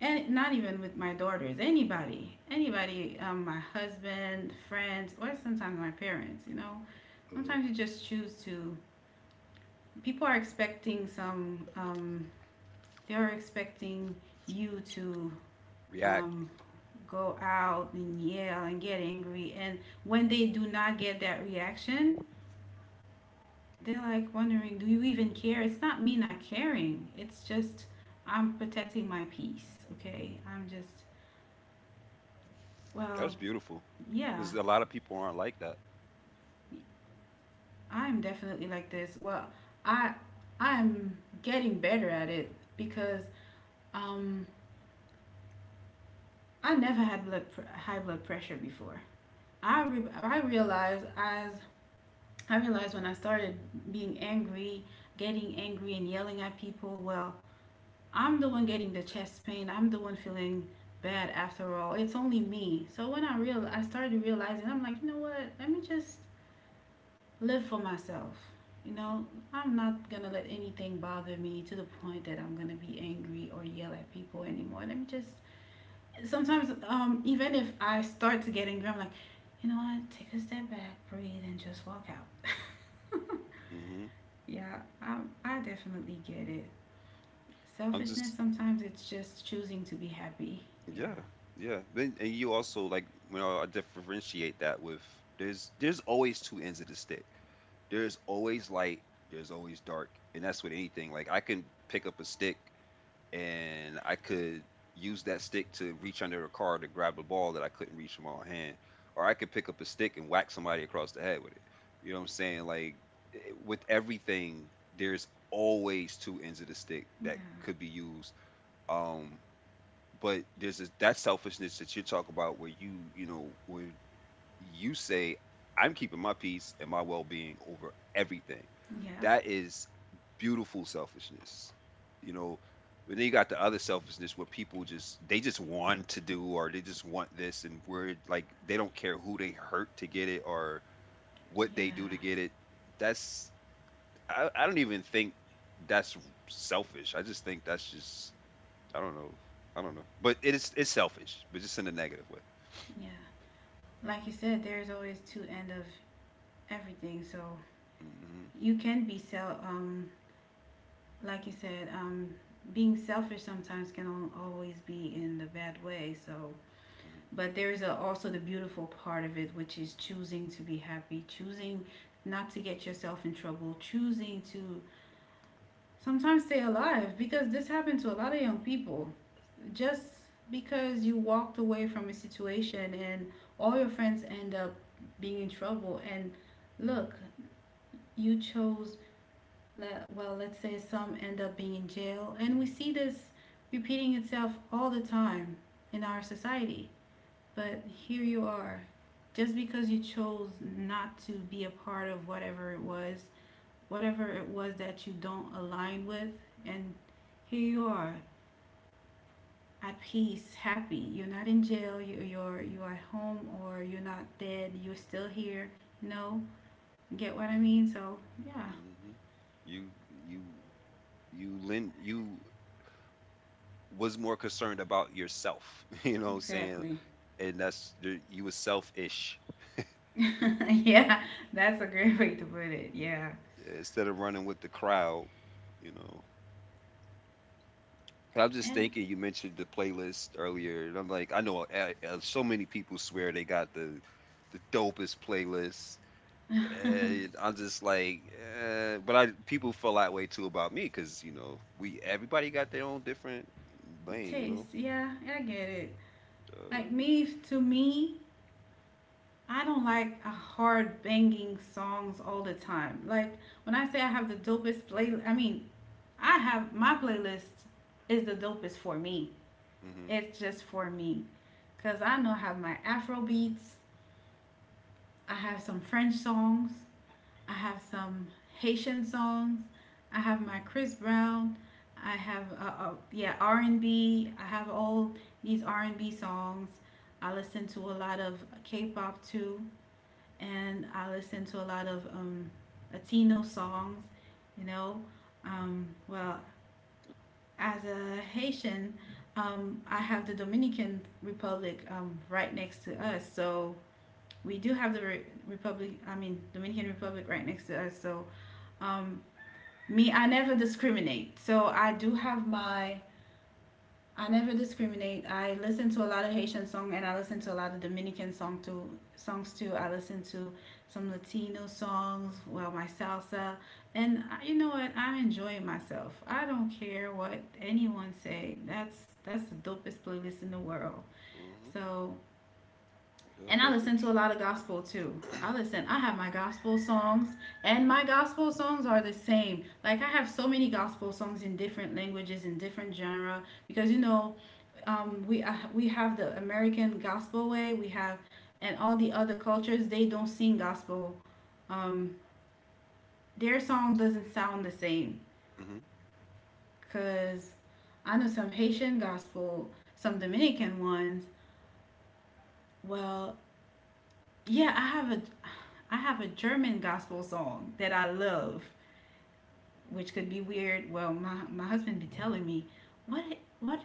and not even with my daughters, anybody, my husband, friends, or sometimes my parents, you know, hmm sometimes you just choose to people are expecting some they are expecting you to React. um, go out and yell and get angry, and when they do not get that reaction, they're like wondering, do you even care? It's not me not caring. It's just I'm protecting my peace, okay? Well, That's beautiful. yeah. Because a lot of people aren't like that. I'm definitely like this. I I'm getting better at it because um I never had high blood pressure before. I re- I realized as I realized when I started being angry, getting angry and yelling at people, well, I'm the one getting the chest pain. I'm the one feeling bad after all. It's only me. So when I started realizing, I'm like, you know what? Let me just live for myself. You know, I'm not gonna let anything bother me to the point that I'm gonna be angry or yell at people anymore. Let me just sometimes even if I start to get angry, I'm like, you know what, take a step back, breathe, and just walk out. hmm hmm Yeah, I I definitely get it. I'm Selfishness just sometimes it's just choosing to be happy. Yeah. Yeah, yeah. Then and you also like I differentiate that with there's always two ends of the stick. There's always light. There's always dark, and that's with anything. Like I can pick up a stick and I could use that stick to reach under the car to grab a ball that I couldn't reach from my hand, or I could pick up a stick and whack somebody across the head with it. You know what I'm saying? Like eh, with everything, there's always two ends of the stick Yeah. that could be used. Um, but there's this, that selfishness that you talk about where you know where you say, I'm keeping my peace and my well-being over everything. Yep. That is beautiful selfishness you know and then you got the other selfishness where people just they just want to do or they just want this, and we're like they don't care who they hurt to get it or what they do to Yeah. get it. That's I don't even think that's selfish. I just think that's just, I don't know. I don't know. But it's selfish, but just in a negative way. Yeah. Like you said, there's always two end of everything. So hmm you can be self. Like you said, being selfish sometimes can always be in the bad way. So, hmm but there is a, also the beautiful part of it, which is choosing to be happy, choosing not to get yourself in trouble, choosing to sometimes stay alive because this happened to a lot of young people. Just because you walked away from a situation and all your friends end up being in trouble, and look, you chose, well, let's say some end up being in jail, and we see this repeating itself all the time in our society. But here you are, just because you chose not to be a part of whatever it was that you don't align with, and here you are at peace, happy, you're not in jail, you're at home, or you're not dead, you're still here. No, you know, get what I mean? So yeah, hmm You you you was more concerned about yourself. <laughs> You know what I'm saying? exactly. And that's you was selfish. <laughs> Yeah, that's a great <laughs> way to put it. Yeah, Yeah, instead of running with the crowd. You know. And I'm just and thinking. You mentioned the playlist earlier, and I'm like, I know so many people swear they got the dopest playlist, and I'm just like, eh. but I people feel that way too about me because you know we everybody got their own different lane. taste, yeah, I get it. Uh, Like me to me, I don't like a hard banging songs all the time. Like, when I say I have the dopest playlist, I mean I have my playlist is the dopest for me. hmm, It's just for me. Cause I know I have my Afro beats, I have some French songs, I have some Haitian songs, I have my Chris Brown, I have yeah R and B. I have all these R and B songs. I listen to a lot of K-pop too, and I listen to a lot of Latino songs. You know, um, well as a Haitian, I have the Dominican Republic right next to us. So we do have the re- Republic, I mean, Dominican Republic right next to us. So um, I never discriminate. So I do have my I never discriminate. I listen to a lot of Haitian song and I listen to a lot of Dominican songs too. I listen to some Latino songs, well, my salsa. And you know what? I'm enjoying myself. I don't care what anyone say. That's the dopest playlist in the world. hmm. So and I Yeah, listen to a lot of gospel too. definitely. I have my gospel songs, and my gospel songs are the same. Like, I have so many gospel songs in different languages, in different genre, because we have the American gospel way, we have, and all the other cultures, they don't sing gospel. Um, their song doesn't sound the same, <clears throat> because I know some Haitian gospel, some Dominican ones. Well, yeah, I have a German gospel song that I love, which could be weird. Well, my husband be telling me, "What what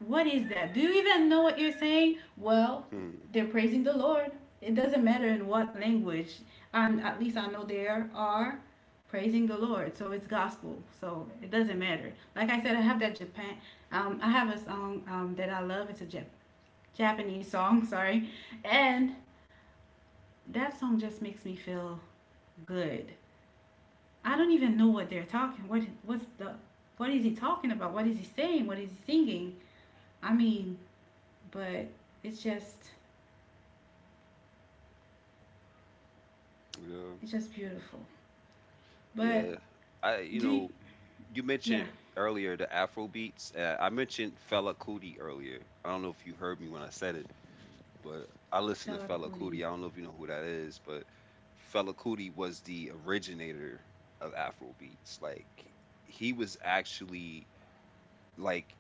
what is that? Do you even know what you're saying?" Well, Hmm, they're praising the Lord. It doesn't matter in what language. And at least I know they are praising the Lord. So it's gospel. So it doesn't matter. Like I said, I have that Japan. I have a song that I love. It's a Japanese song. <laughs> Sorry, and that song just makes me feel good. I don't even know what they're talking. What what's the What is he talking about? What is he saying? What is he singing? I mean, but it's just hmm. Yeah, it's just beautiful. But yeah. I you do you, know You yeah, mentioned earlier the Afro beats. I mentioned Fela Kuti earlier. I don't know if you heard me when I said it, but I listen to Fela Fella Kuti. Kuti. I don't know if you know who that is, but Fella Kuti was the originator of Afro beats. Like he was actually, like,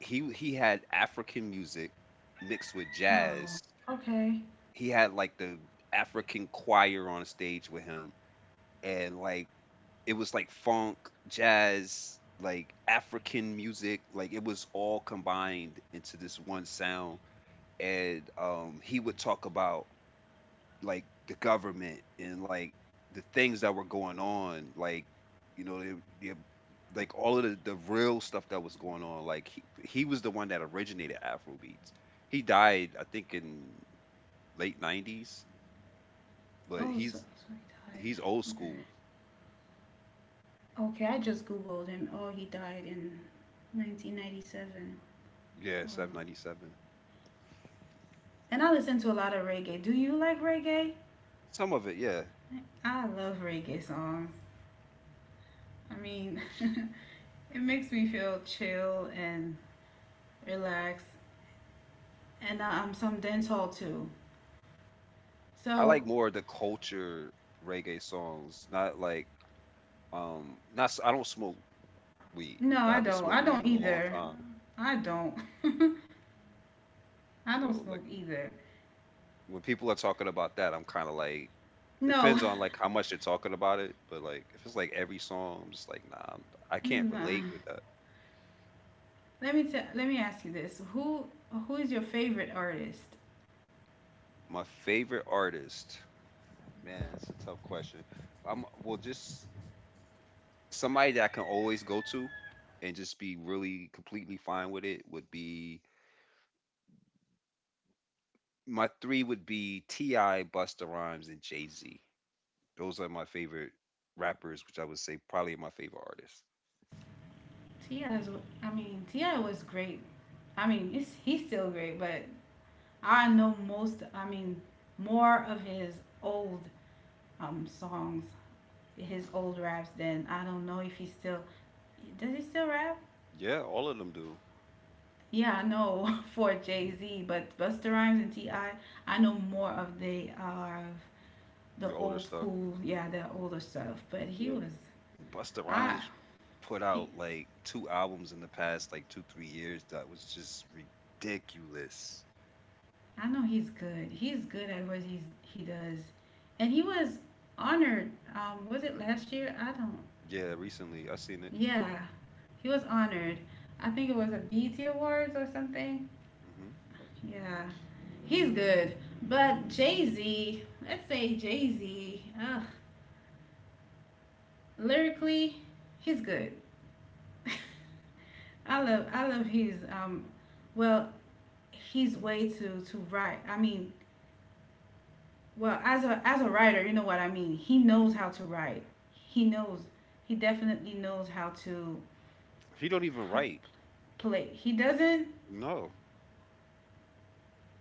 he had African music mixed with Oh, jazz. okay. He had like the African choir on stage with him, and like it was like funk, jazz, like African music. Like it was all combined into this one sound. And he would talk about like the government and like the things that were going on, like, you know, they, like all of the real stuff that was going on. Like he was the one that originated Afrobeats. He died, I think, in late '90s, but Oh, so he's so he died. he's old Okay. school. Okay, I just googled him. Oh, he died in 1997. Yeah, Wow. 797. And I listen to a lot of reggae. Do you like reggae? Some of it, yeah. I love reggae songs. I mean, <laughs> it makes me feel chill and relaxed, and hmm I, am some dental too. I So like more of the culture reggae songs, not like not. I don't smoke weed. no, I I haven't don't. smoked I weed don't in a long either. time, I don't. I don't so like, smoke either. when people are talking about that, I'm kind of like, No, depends on like how much they're talking about it. But like, if it's like every song, I'm just like, nah, I <laughs> can't nah. relate with that. Let me tell. Let me ask you this: Who is your favorite artist? My favorite artist, man, it's a tough question. I'm, well, just somebody that I can always go to and just be really completely fine with it would be, my three would be T.I., Busta Rhymes, and Jay Z. Those are my favorite rappers, which I would say probably my favorite artists. T I. I mean, Ti was great. I mean, he's still great, but I know most. I mean, more of his old songs, his old raps. Than I don't know if he's still. Does he still rap? Yeah, all of them do. Yeah, I know <laughs> for Jay Z, but Busta Rhymes and T I know more of the Your older old stuff. school, yeah, the older stuff. But he Yeah, was, Busta I Rhymes put he, out like two albums in the past like two three years that was just ridiculous. I know he's good. He's good at what he does, and he was honored. Was it last year? I don't. Yeah, recently I seen it. Yeah, he was honored. I think it was a BET Awards or something. hmm Yeah, he's good. But Jay Z, let's say Jay Z. Ugh, lyrically, he's good. <laughs> I love his well his way to write. I mean, well, as a writer, you know what I mean. He knows hmm how to write. He knows. He definitely knows how to He don't even write. play. He doesn't No,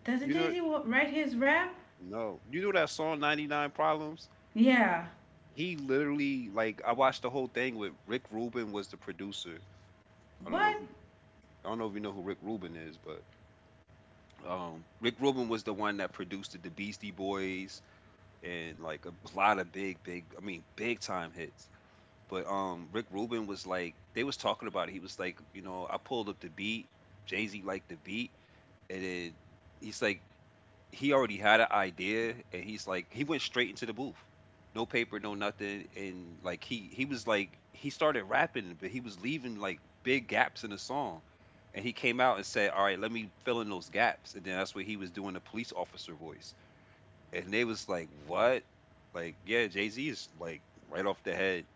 doesn't you Jay know, Z write his rap? no, you know that song 99 problems. Yeah. He literally, like, I watched the whole thing with Rick Rubin was the producer. I don't know if What? you, I don't know if you know who Rick Rubin is, but Rick Rubin was the one that produced the Beastie Boys and like a lot of big, big, I mean, big time hits. But Rick Rubin was like, they was talking about it. He was like, you know, I pulled up the beat. Jay Z liked the beat, and then he's like, he already had an idea, and he's like, he went straight into the booth, no paper, no nothing, and like he was like, he started rapping, but he was leaving like big gaps in the song, and he came out and said, all right, let me fill in those gaps, and then that's what he was doing the police officer voice, and they was like, what? Like, yeah, Jay Z is like right off the head,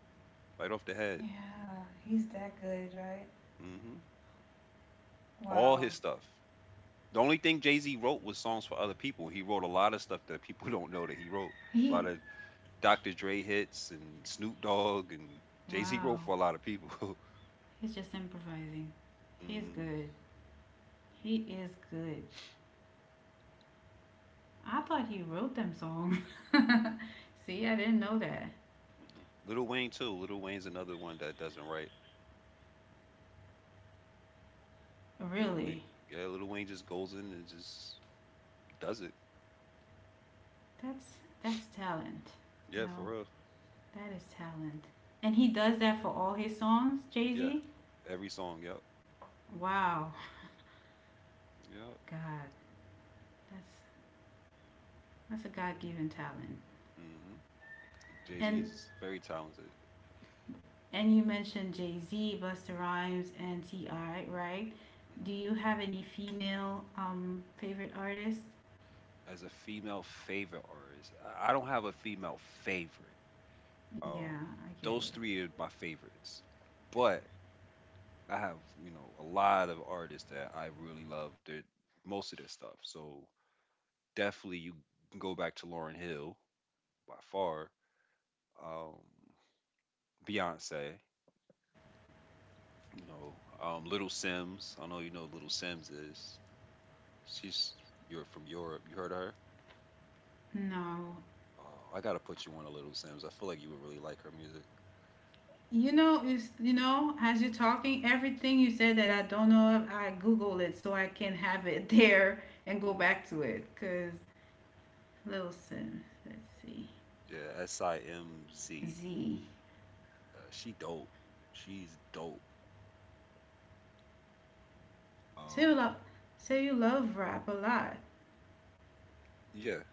right off the head. Yeah, he's that good, right? hmm all Wow. his stuff. The only thing Jay Z wrote was songs for other people. He wrote a lot of stuff that people <laughs> don't know that he wrote. A lot He of Dr. Dre hits and Snoop Dogg and Jay Z <laughs> Wow, wrote for a lot of people. <laughs> he's just improvising. mm, He's mm, good. He is good. I thought he wrote them songs. <laughs> See, mm. I didn't know that. Little Wayne too. Little Wayne's another one that doesn't write. Little Wayne, Really, yeah, Little Wayne just goes in and just does it. that's that's talent. You Yeah, for know, real. that is talent. And he does that for all his songs, Jay Yeah, Z. every song. Yep, Wow, yep. God, that's that's a God given talent. hmm Jay Z And is very talented. and you mentioned Jay Z, Busta Rhymes, and Ti, right? Do hmm you have any female favorite artists? As a female favorite artist, I don't have a female favorite. Yeah, Um, I get it. those three are my favorites, but I have, you know, a lot of artists that I really love. Their, most of their stuff. So definitely you can go back to Lauren Hill by far. Um, Beyonce, you know, Little Sims. I know you know who Little Sims is. She's You're from Europe. You heard of her? No. I gotta put you on a Little Sims. I feel like you would really like her music. As you're talking, everything you said that I don't know of, I Google it so I can have it <laughs> there and go Hmm. back to it. Cause Lil, let's see, Yeah, Simz. Z. She dope. She's dope. So you Um, love, so you love rap a lot. yeah,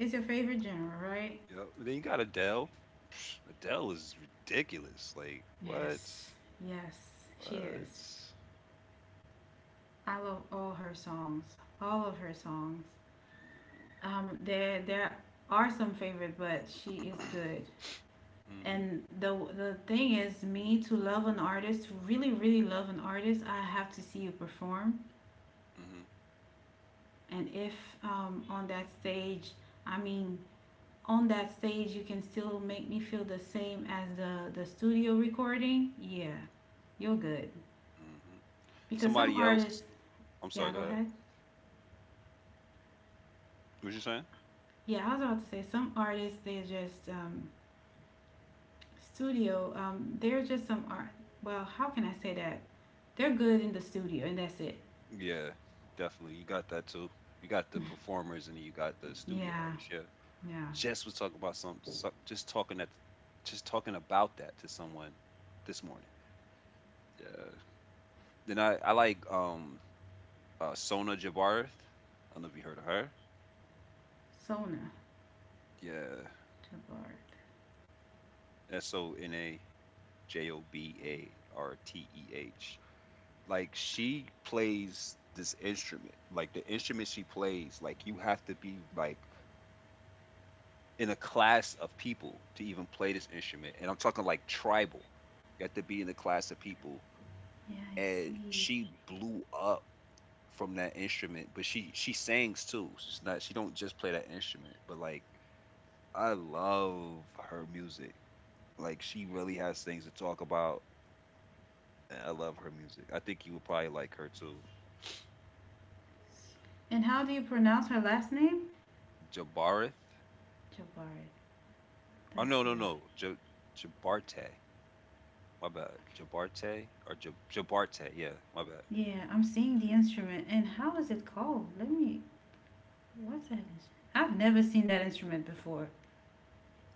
It's your favorite genre, right? you know, then you got Adele. Psh, Adele is ridiculous. Like, what? Yes, What? yes, she hmm is. I love all her songs, all of her songs. There are some favorite, but she is good. <clears throat> hmm And the thing is, me to love an artist, to really really love an artist, I have to see you perform. hmm And if on that stage, I mean, on that stage, you can still make me feel the same as the studio recording. Yeah, you're good. hmm Because some Somebody artists, else. I'm yeah, sorry. Go go ahead. ahead. What you saying? Yeah, I was about to say some artists, they're just studio. They're just some art. Well, how can I say that? They're good in the studio, and that's it. Yeah, definitely. You got that too. You got the performers and you got the studio Yeah, artists. Yeah. yeah. Just was talking about some. So, just talking at. Just talking about that to someone this morning. Yeah. Then I like Sona Jabarth. I don't know if you heard of her. Sona. Yeah. Jabardis. Sona Jobarteh. Like she plays this instrument, like the instrument she plays, like you have to be like in a class of people to even play this instrument. And I'm talking like tribal. You have to be in a class of people. And she blew up from that instrument, but she sings too. She don't just play that instrument, but, like, I love her music. Like she really has things to talk about. I love her music. I think you would probably like her too. And how do you pronounce her last name? Jabarith. Jabard. Oh, That's no, no, beautiful. no. J. Jabarte. My bad. Okay. Jabarte or Jabarte. Yeah, my bad. Yeah, I'm seeing the instrument. And how is it called? Let me. What's that instrument? I've never seen that instrument before.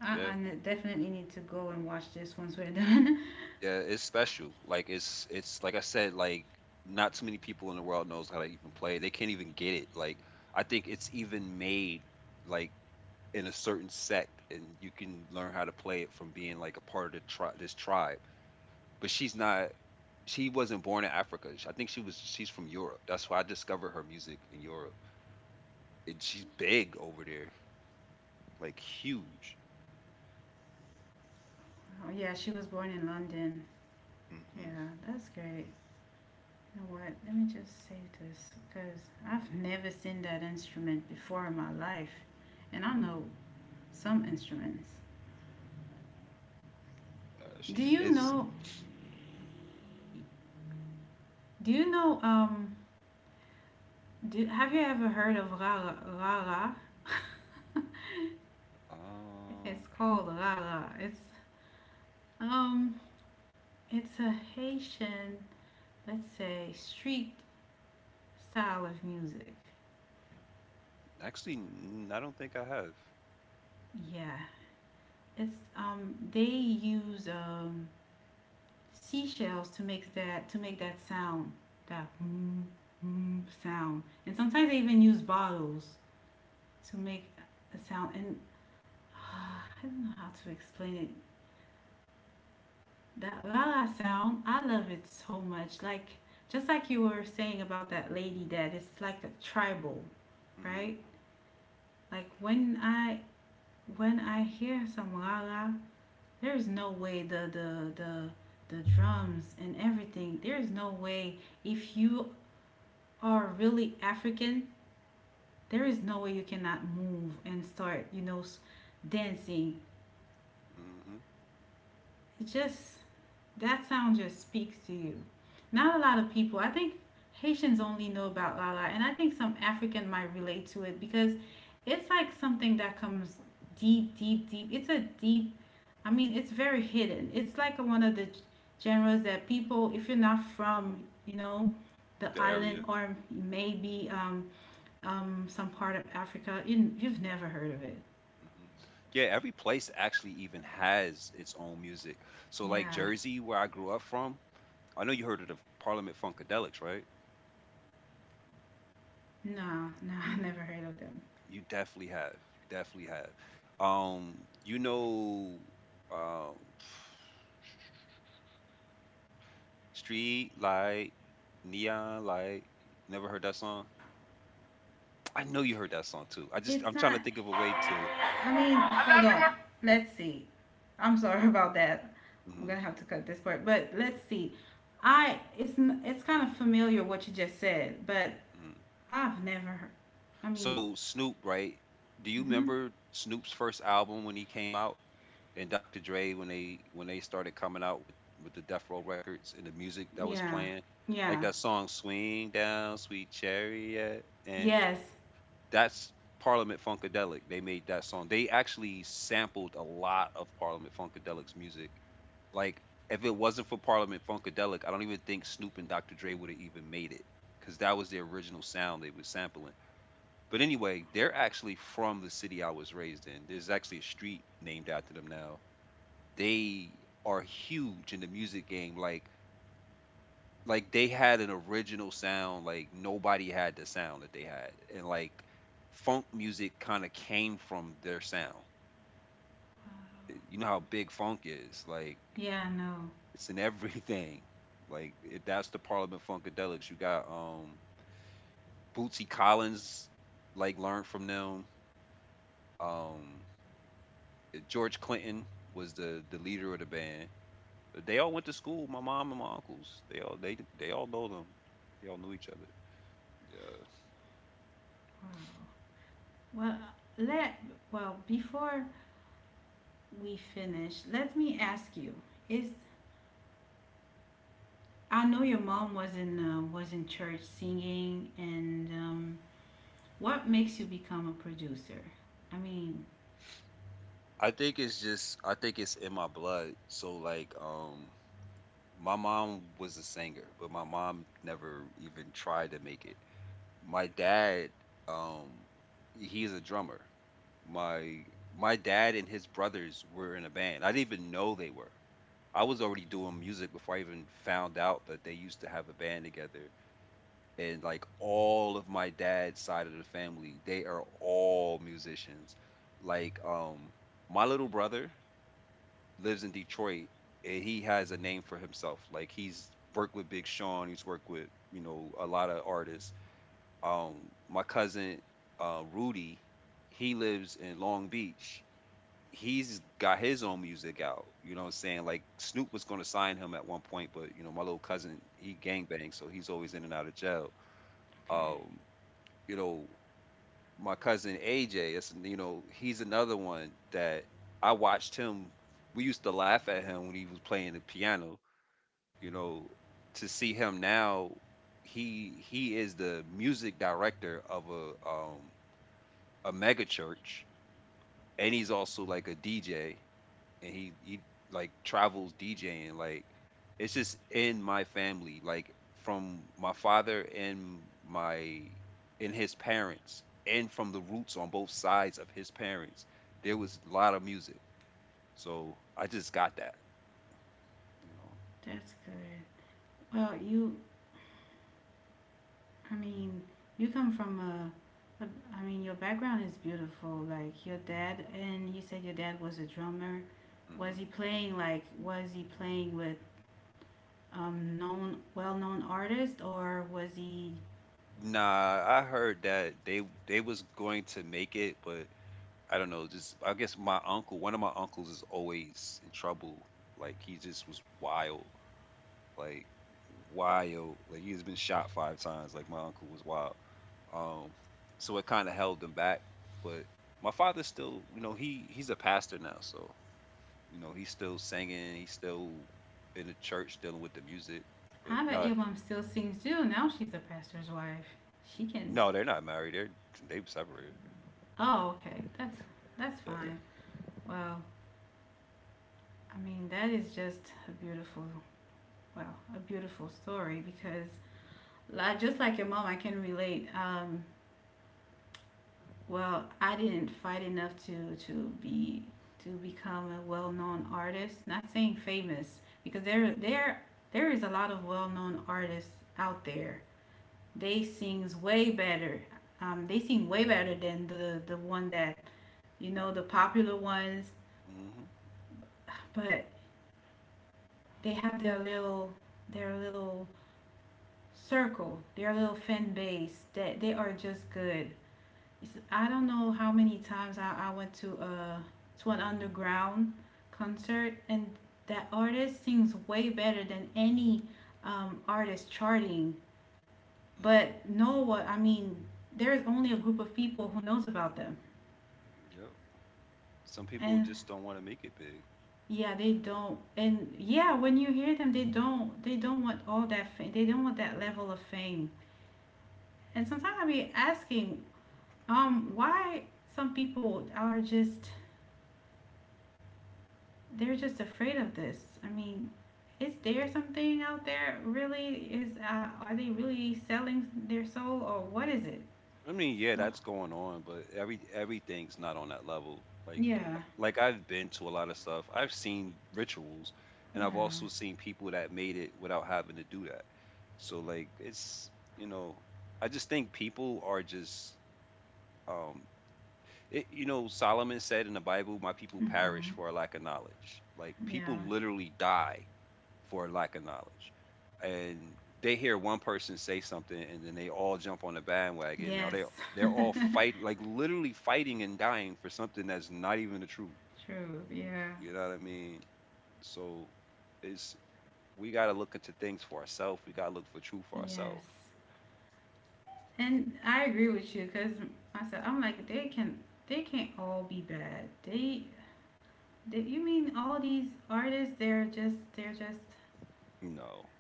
I, Yeah, I definitely need to go and watch this once we're done. yeah. It's special. Like it's like I said. Like not too many people in the world knows how to even play. They can't even get it. Like I think it's even made like in a certain sect, and you can learn how to play it from being like a part of this tribe. But she wasn't born in Africa. I think she's from Europe. That's why I discovered her music in Europe. And she's big over there, like huge. <laughs> Oh, yeah, she was born in London. Yeah, hmm that's great. You know what? Let me just save this because I've never seen that instrument before in my life, and I know some instruments. Uh, Do she's you is know? Do you know have you ever heard of rara? um It's called rara. Um, it's a Haitian, let's say, street style of music. actually, I don't think I have. Yeah, it's they use seashells to make that sound, that mm, mm sound, and sometimes they even use bottles to make a sound. And <sighs> I don't know how to explain it. That la la sound, I love it so much. Like just like you were saying about that lady that it's like a tribal, hmm right? Like when I hear some la la, there's no way the drums and everything. There's no way if you are really African, there is no way you cannot move and start, dancing. hmm It just. That sound just speaks to you. Not a lot of people. I think Haitians only know about la la, and I think some African might relate to it because it's like something that comes deep, deep, deep. It's a deep. I mean, it's very hidden. It's like one of the genres that people, if you're not from, the The island, area. or maybe some part of Africa, you've never heard of it. Hmm. Yeah, every place actually even has its own music. So like Yeah, Jersey, where I grew up from, I know you heard of the Parliament Funkadelics, right? no, <laughs> no, I never heard of them. You definitely have. You definitely have. You know, um, Street Light, Neon Light. Never heard that song? I know you heard that song too. It's I'm trying to not think of a way to. I mean, hold on. Let's see. I'm sorry <laughs> about that. I'm hmm gonna have to cut this part, but let's see. I it's kind of familiar what you just said, but hmm I've never. Heard- I mean, So Snoop, right? Do you hmm, remember Snoop's first album when he came out, and Dr. Dre, when they started coming out with the Death Row records and the music that was yeah, playing, like yeah, that song "Swing Down, Sweet Chariot," and yes, that's Parliament Funkadelic. They made that song. They actually sampled a lot of Parliament Funkadelic's music. Like, if it wasn't for Parliament Funkadelic, I don't even think Snoop and Dr. Dre would have even made it, because that was their original sound they was sampling. But anyway, they're actually from the city I was raised in. There's actually a street named after them now. They are huge in the music game. Like, they had an original sound, like nobody had the sound that they had, and like funk music kind of came from their sound. wow, You know how big funk is? Like yeah, no. it's in <laughs> everything. Like it, that's the Parliament Funkadelics. You got Bootsy Collins, like, learned from them. um George Clinton was the leader of the band. They all went to school. My mom and my uncles, they all they all know them. They all knew each other. Yeah. Wow. Well, let well, before we finish, let me ask you: Is I know your mom was in church singing, and what makes you become a producer? I mean, I think it's just, I think it's in my blood. So like my mom was a singer, but my mom never even tried to make it. My dad, um he's a drummer. My my dad and his brothers were in a band. I didn't even know they were. I was already doing music before I even found out that they used to have a band together. And like all of my dad's side of the family, they are all musicians. Like, my little brother lives in Detroit, and he has a name for himself. Like, he's worked with Big Sean, he's worked with, you know, a lot of artists. Um, my cousin Rudy, he lives in Long Beach. He's got his own music out. You know what I'm saying? Like, Snoop was gonna sign him at one point, but you know, my little cousin, he gang banged, so he's always in and out of jail. okay, Um, you know, my cousin AJ is, you know, he's another one that I watched him. We used to laugh at him when he was playing the piano. You know, to see him now, he is the music director of a mega church, and he's also like a DJ, and he like travels DJing. Like, it's just in my family, like from my father and my and his parents, and from the roots on both sides of his parents. There was a lot of music, so I just got that, you know. that's good. Well, I mean, you come from I mean, your background is beautiful. Like your dad, and you said your dad was a drummer. Hmm. Was he playing with well-known artists, or was he? Nah, I heard that they was going to make it, but I don't know. Just, I guess my uncle, one of my uncles, is always in trouble. Like, he just was wild. Like, wild. Like, he's been shot 5 times. Like, my uncle was wild. Um, so it kind of held him back. But my father's still, you know, he's a pastor now, so you know he's still singing. He's still in the church dealing with the music. But I bet no, your mom still sings too. Now she's a pastor's wife. She can. no, they're not married. They're they've separated. Oh, okay, that's Yeah. fine. Well, I mean, that is just Wow, a beautiful story because just like your mom, I can relate. Well, I didn't fight enough be to become a well-known artist. Not saying famous because there is a lot of well-known artists out there. They sings way better. They sing way better than the one that you know, the popular ones, Mhm. but they have their little circle, their little fan base that they are just good. I don't know how many times I went to an underground concert, and that artist sings way better than any artist charting. Mhm. But no, what I mean, there's only a group of people who knows about them. Yep. Some people And just don't want to make it big. yeah, they don't and yeah, when you hear them, they don't want all that fame. They don't want that level of fame. And sometimes I be asking, why some people are just they're just afraid of this. I mean, is there something out there really? Is Are they really selling their soul, or what is it? I mean, yeah, Well, that's going on, but everything's not on that level. Like yeah, like I've been to a lot of stuff. I've seen rituals, and I've yeah, also seen people that made it without having to do that. So like, it's, you know, I just think people are just, um it, you know, Solomon said in the Bible, my people mm-hmm, perish for a lack of knowledge. Like, yeah, people literally die for a lack of knowledge. And they hear one person say something and then they all jump on the bandwagon. Now yes, they, they're all fight, <laughs> like literally fighting and dying for something that's not even the truth. true, yeah, You know what I mean? So it's, we gotta look into things for ourselves. We gotta look for truth for yes. ourselves. And I agree with you because I said I'm like, they can't all be bad. They you mean all these artists? They're just You know.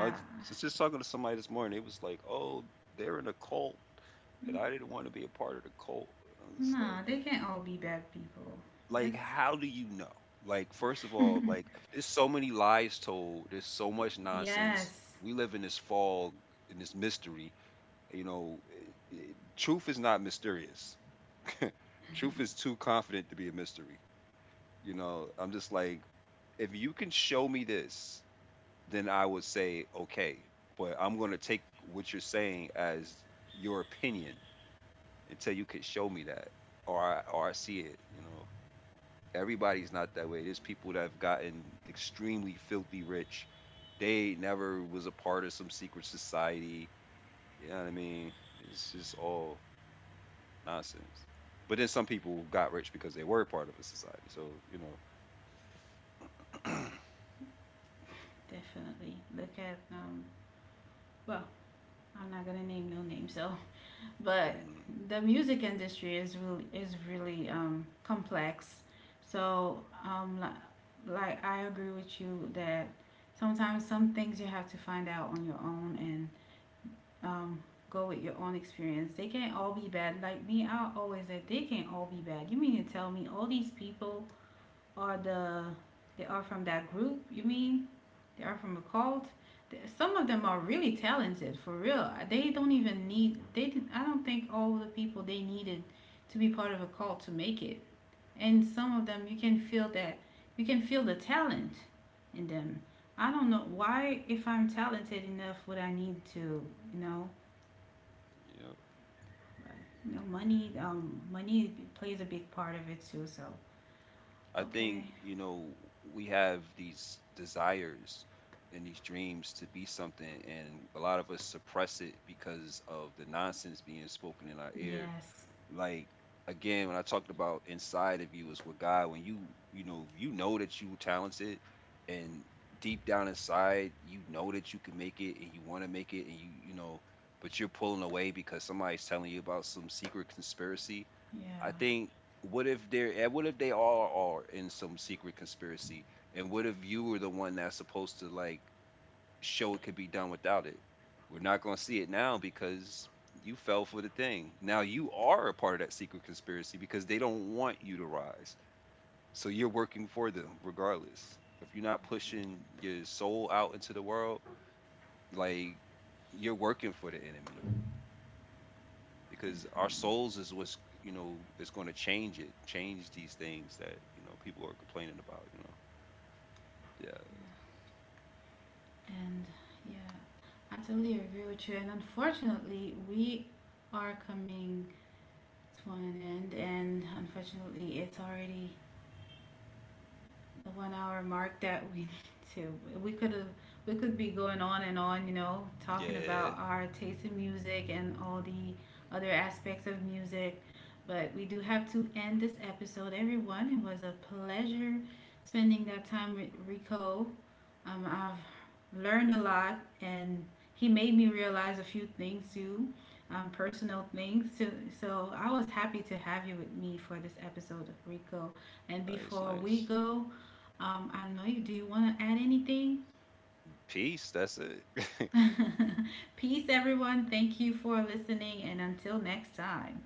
I was just talking to somebody this morning. It was like, oh, they're in a cult, and I didn't want to be a part of the cult. And I'm just Nah, like, they can't all be bad people. like It's how do you know? Like, first of all, like, there's so many lies told, there's so much nonsense. Yes, We live in this fog, in this mystery. You know, it- it- truth is not mysterious. Truth is too confident to be a mystery. You know, I'm just like, if you can show me this, then I would say okay, but I'm going to take what you're saying as your opinion until you could show me that, or I see it. You know, everybody's not that way. There's people that have gotten extremely filthy rich. They never was a part of some secret society. You know what I mean? It's just all nonsense. But then some people got rich because they were part of a society. So, you know. definitely. Look at Well, I'm not gonna name no names. So, but Mm, the music industry is really complex. So like I agree with you that sometimes some things you have to find out on your own, and um go with your own experience. They can't all be bad. Like me, I always said they can't all be bad. You mean to tell me all these people are the they are from that group. You mean they are from a cult? Some of them are really talented for real. They don't even mm, need they. Didn't, I don't think all the people they needed to be part of a cult to make it. And mm, some of them you can feel the talent in them. I don't know why if I'm talented enough would I need to, you know yeah. Money plays a big part of it too. So, I okay, think, you know, we have these desires and these dreams to be something, and a lot of us suppress it because of the nonsense being spoken in our ear. yes, Like, again, when I talked about, inside of you is what God, when you know, you know that you talented, and deep down inside you know that you can make it and you want to make it, and you know, but you're pulling away because somebody's telling you about some secret conspiracy. yeah. I think, what if they're, and what if they all are in some secret conspiracy, and what if you were the one that's supposed to, like, show it could be done without it? We're not going to see it now because you fell for the thing. Now you are a part of that secret conspiracy because they don't want you to rise. So you're working for them regardless. If you're not pushing your soul out into the world, like, you're working for the enemy, Definitely. because our souls is what's, you know, is going to change it, change these things that, you know, people are complaining about, you know. Yeah. And yeah, I totally agree with you. And unfortunately, we are coming to an end. And unfortunately, it's already the 1 hour mark that we <laughs> need to. We could have, we could be going on and on, Yeah. talking Yeah. about our taste in music and all the other aspects of music. But we do have to end this episode, everyone. It was a pleasure spending that time with Rico. I've learned a lot, and he made me realize a few things too, personal things. So I was happy to have you with me for this episode of Rico. And Nice, before we nice. go, I know you. Do you want to add anything? Peace. That's it. <laughs> <laughs> Peace, everyone. Thank you for listening, and until next time.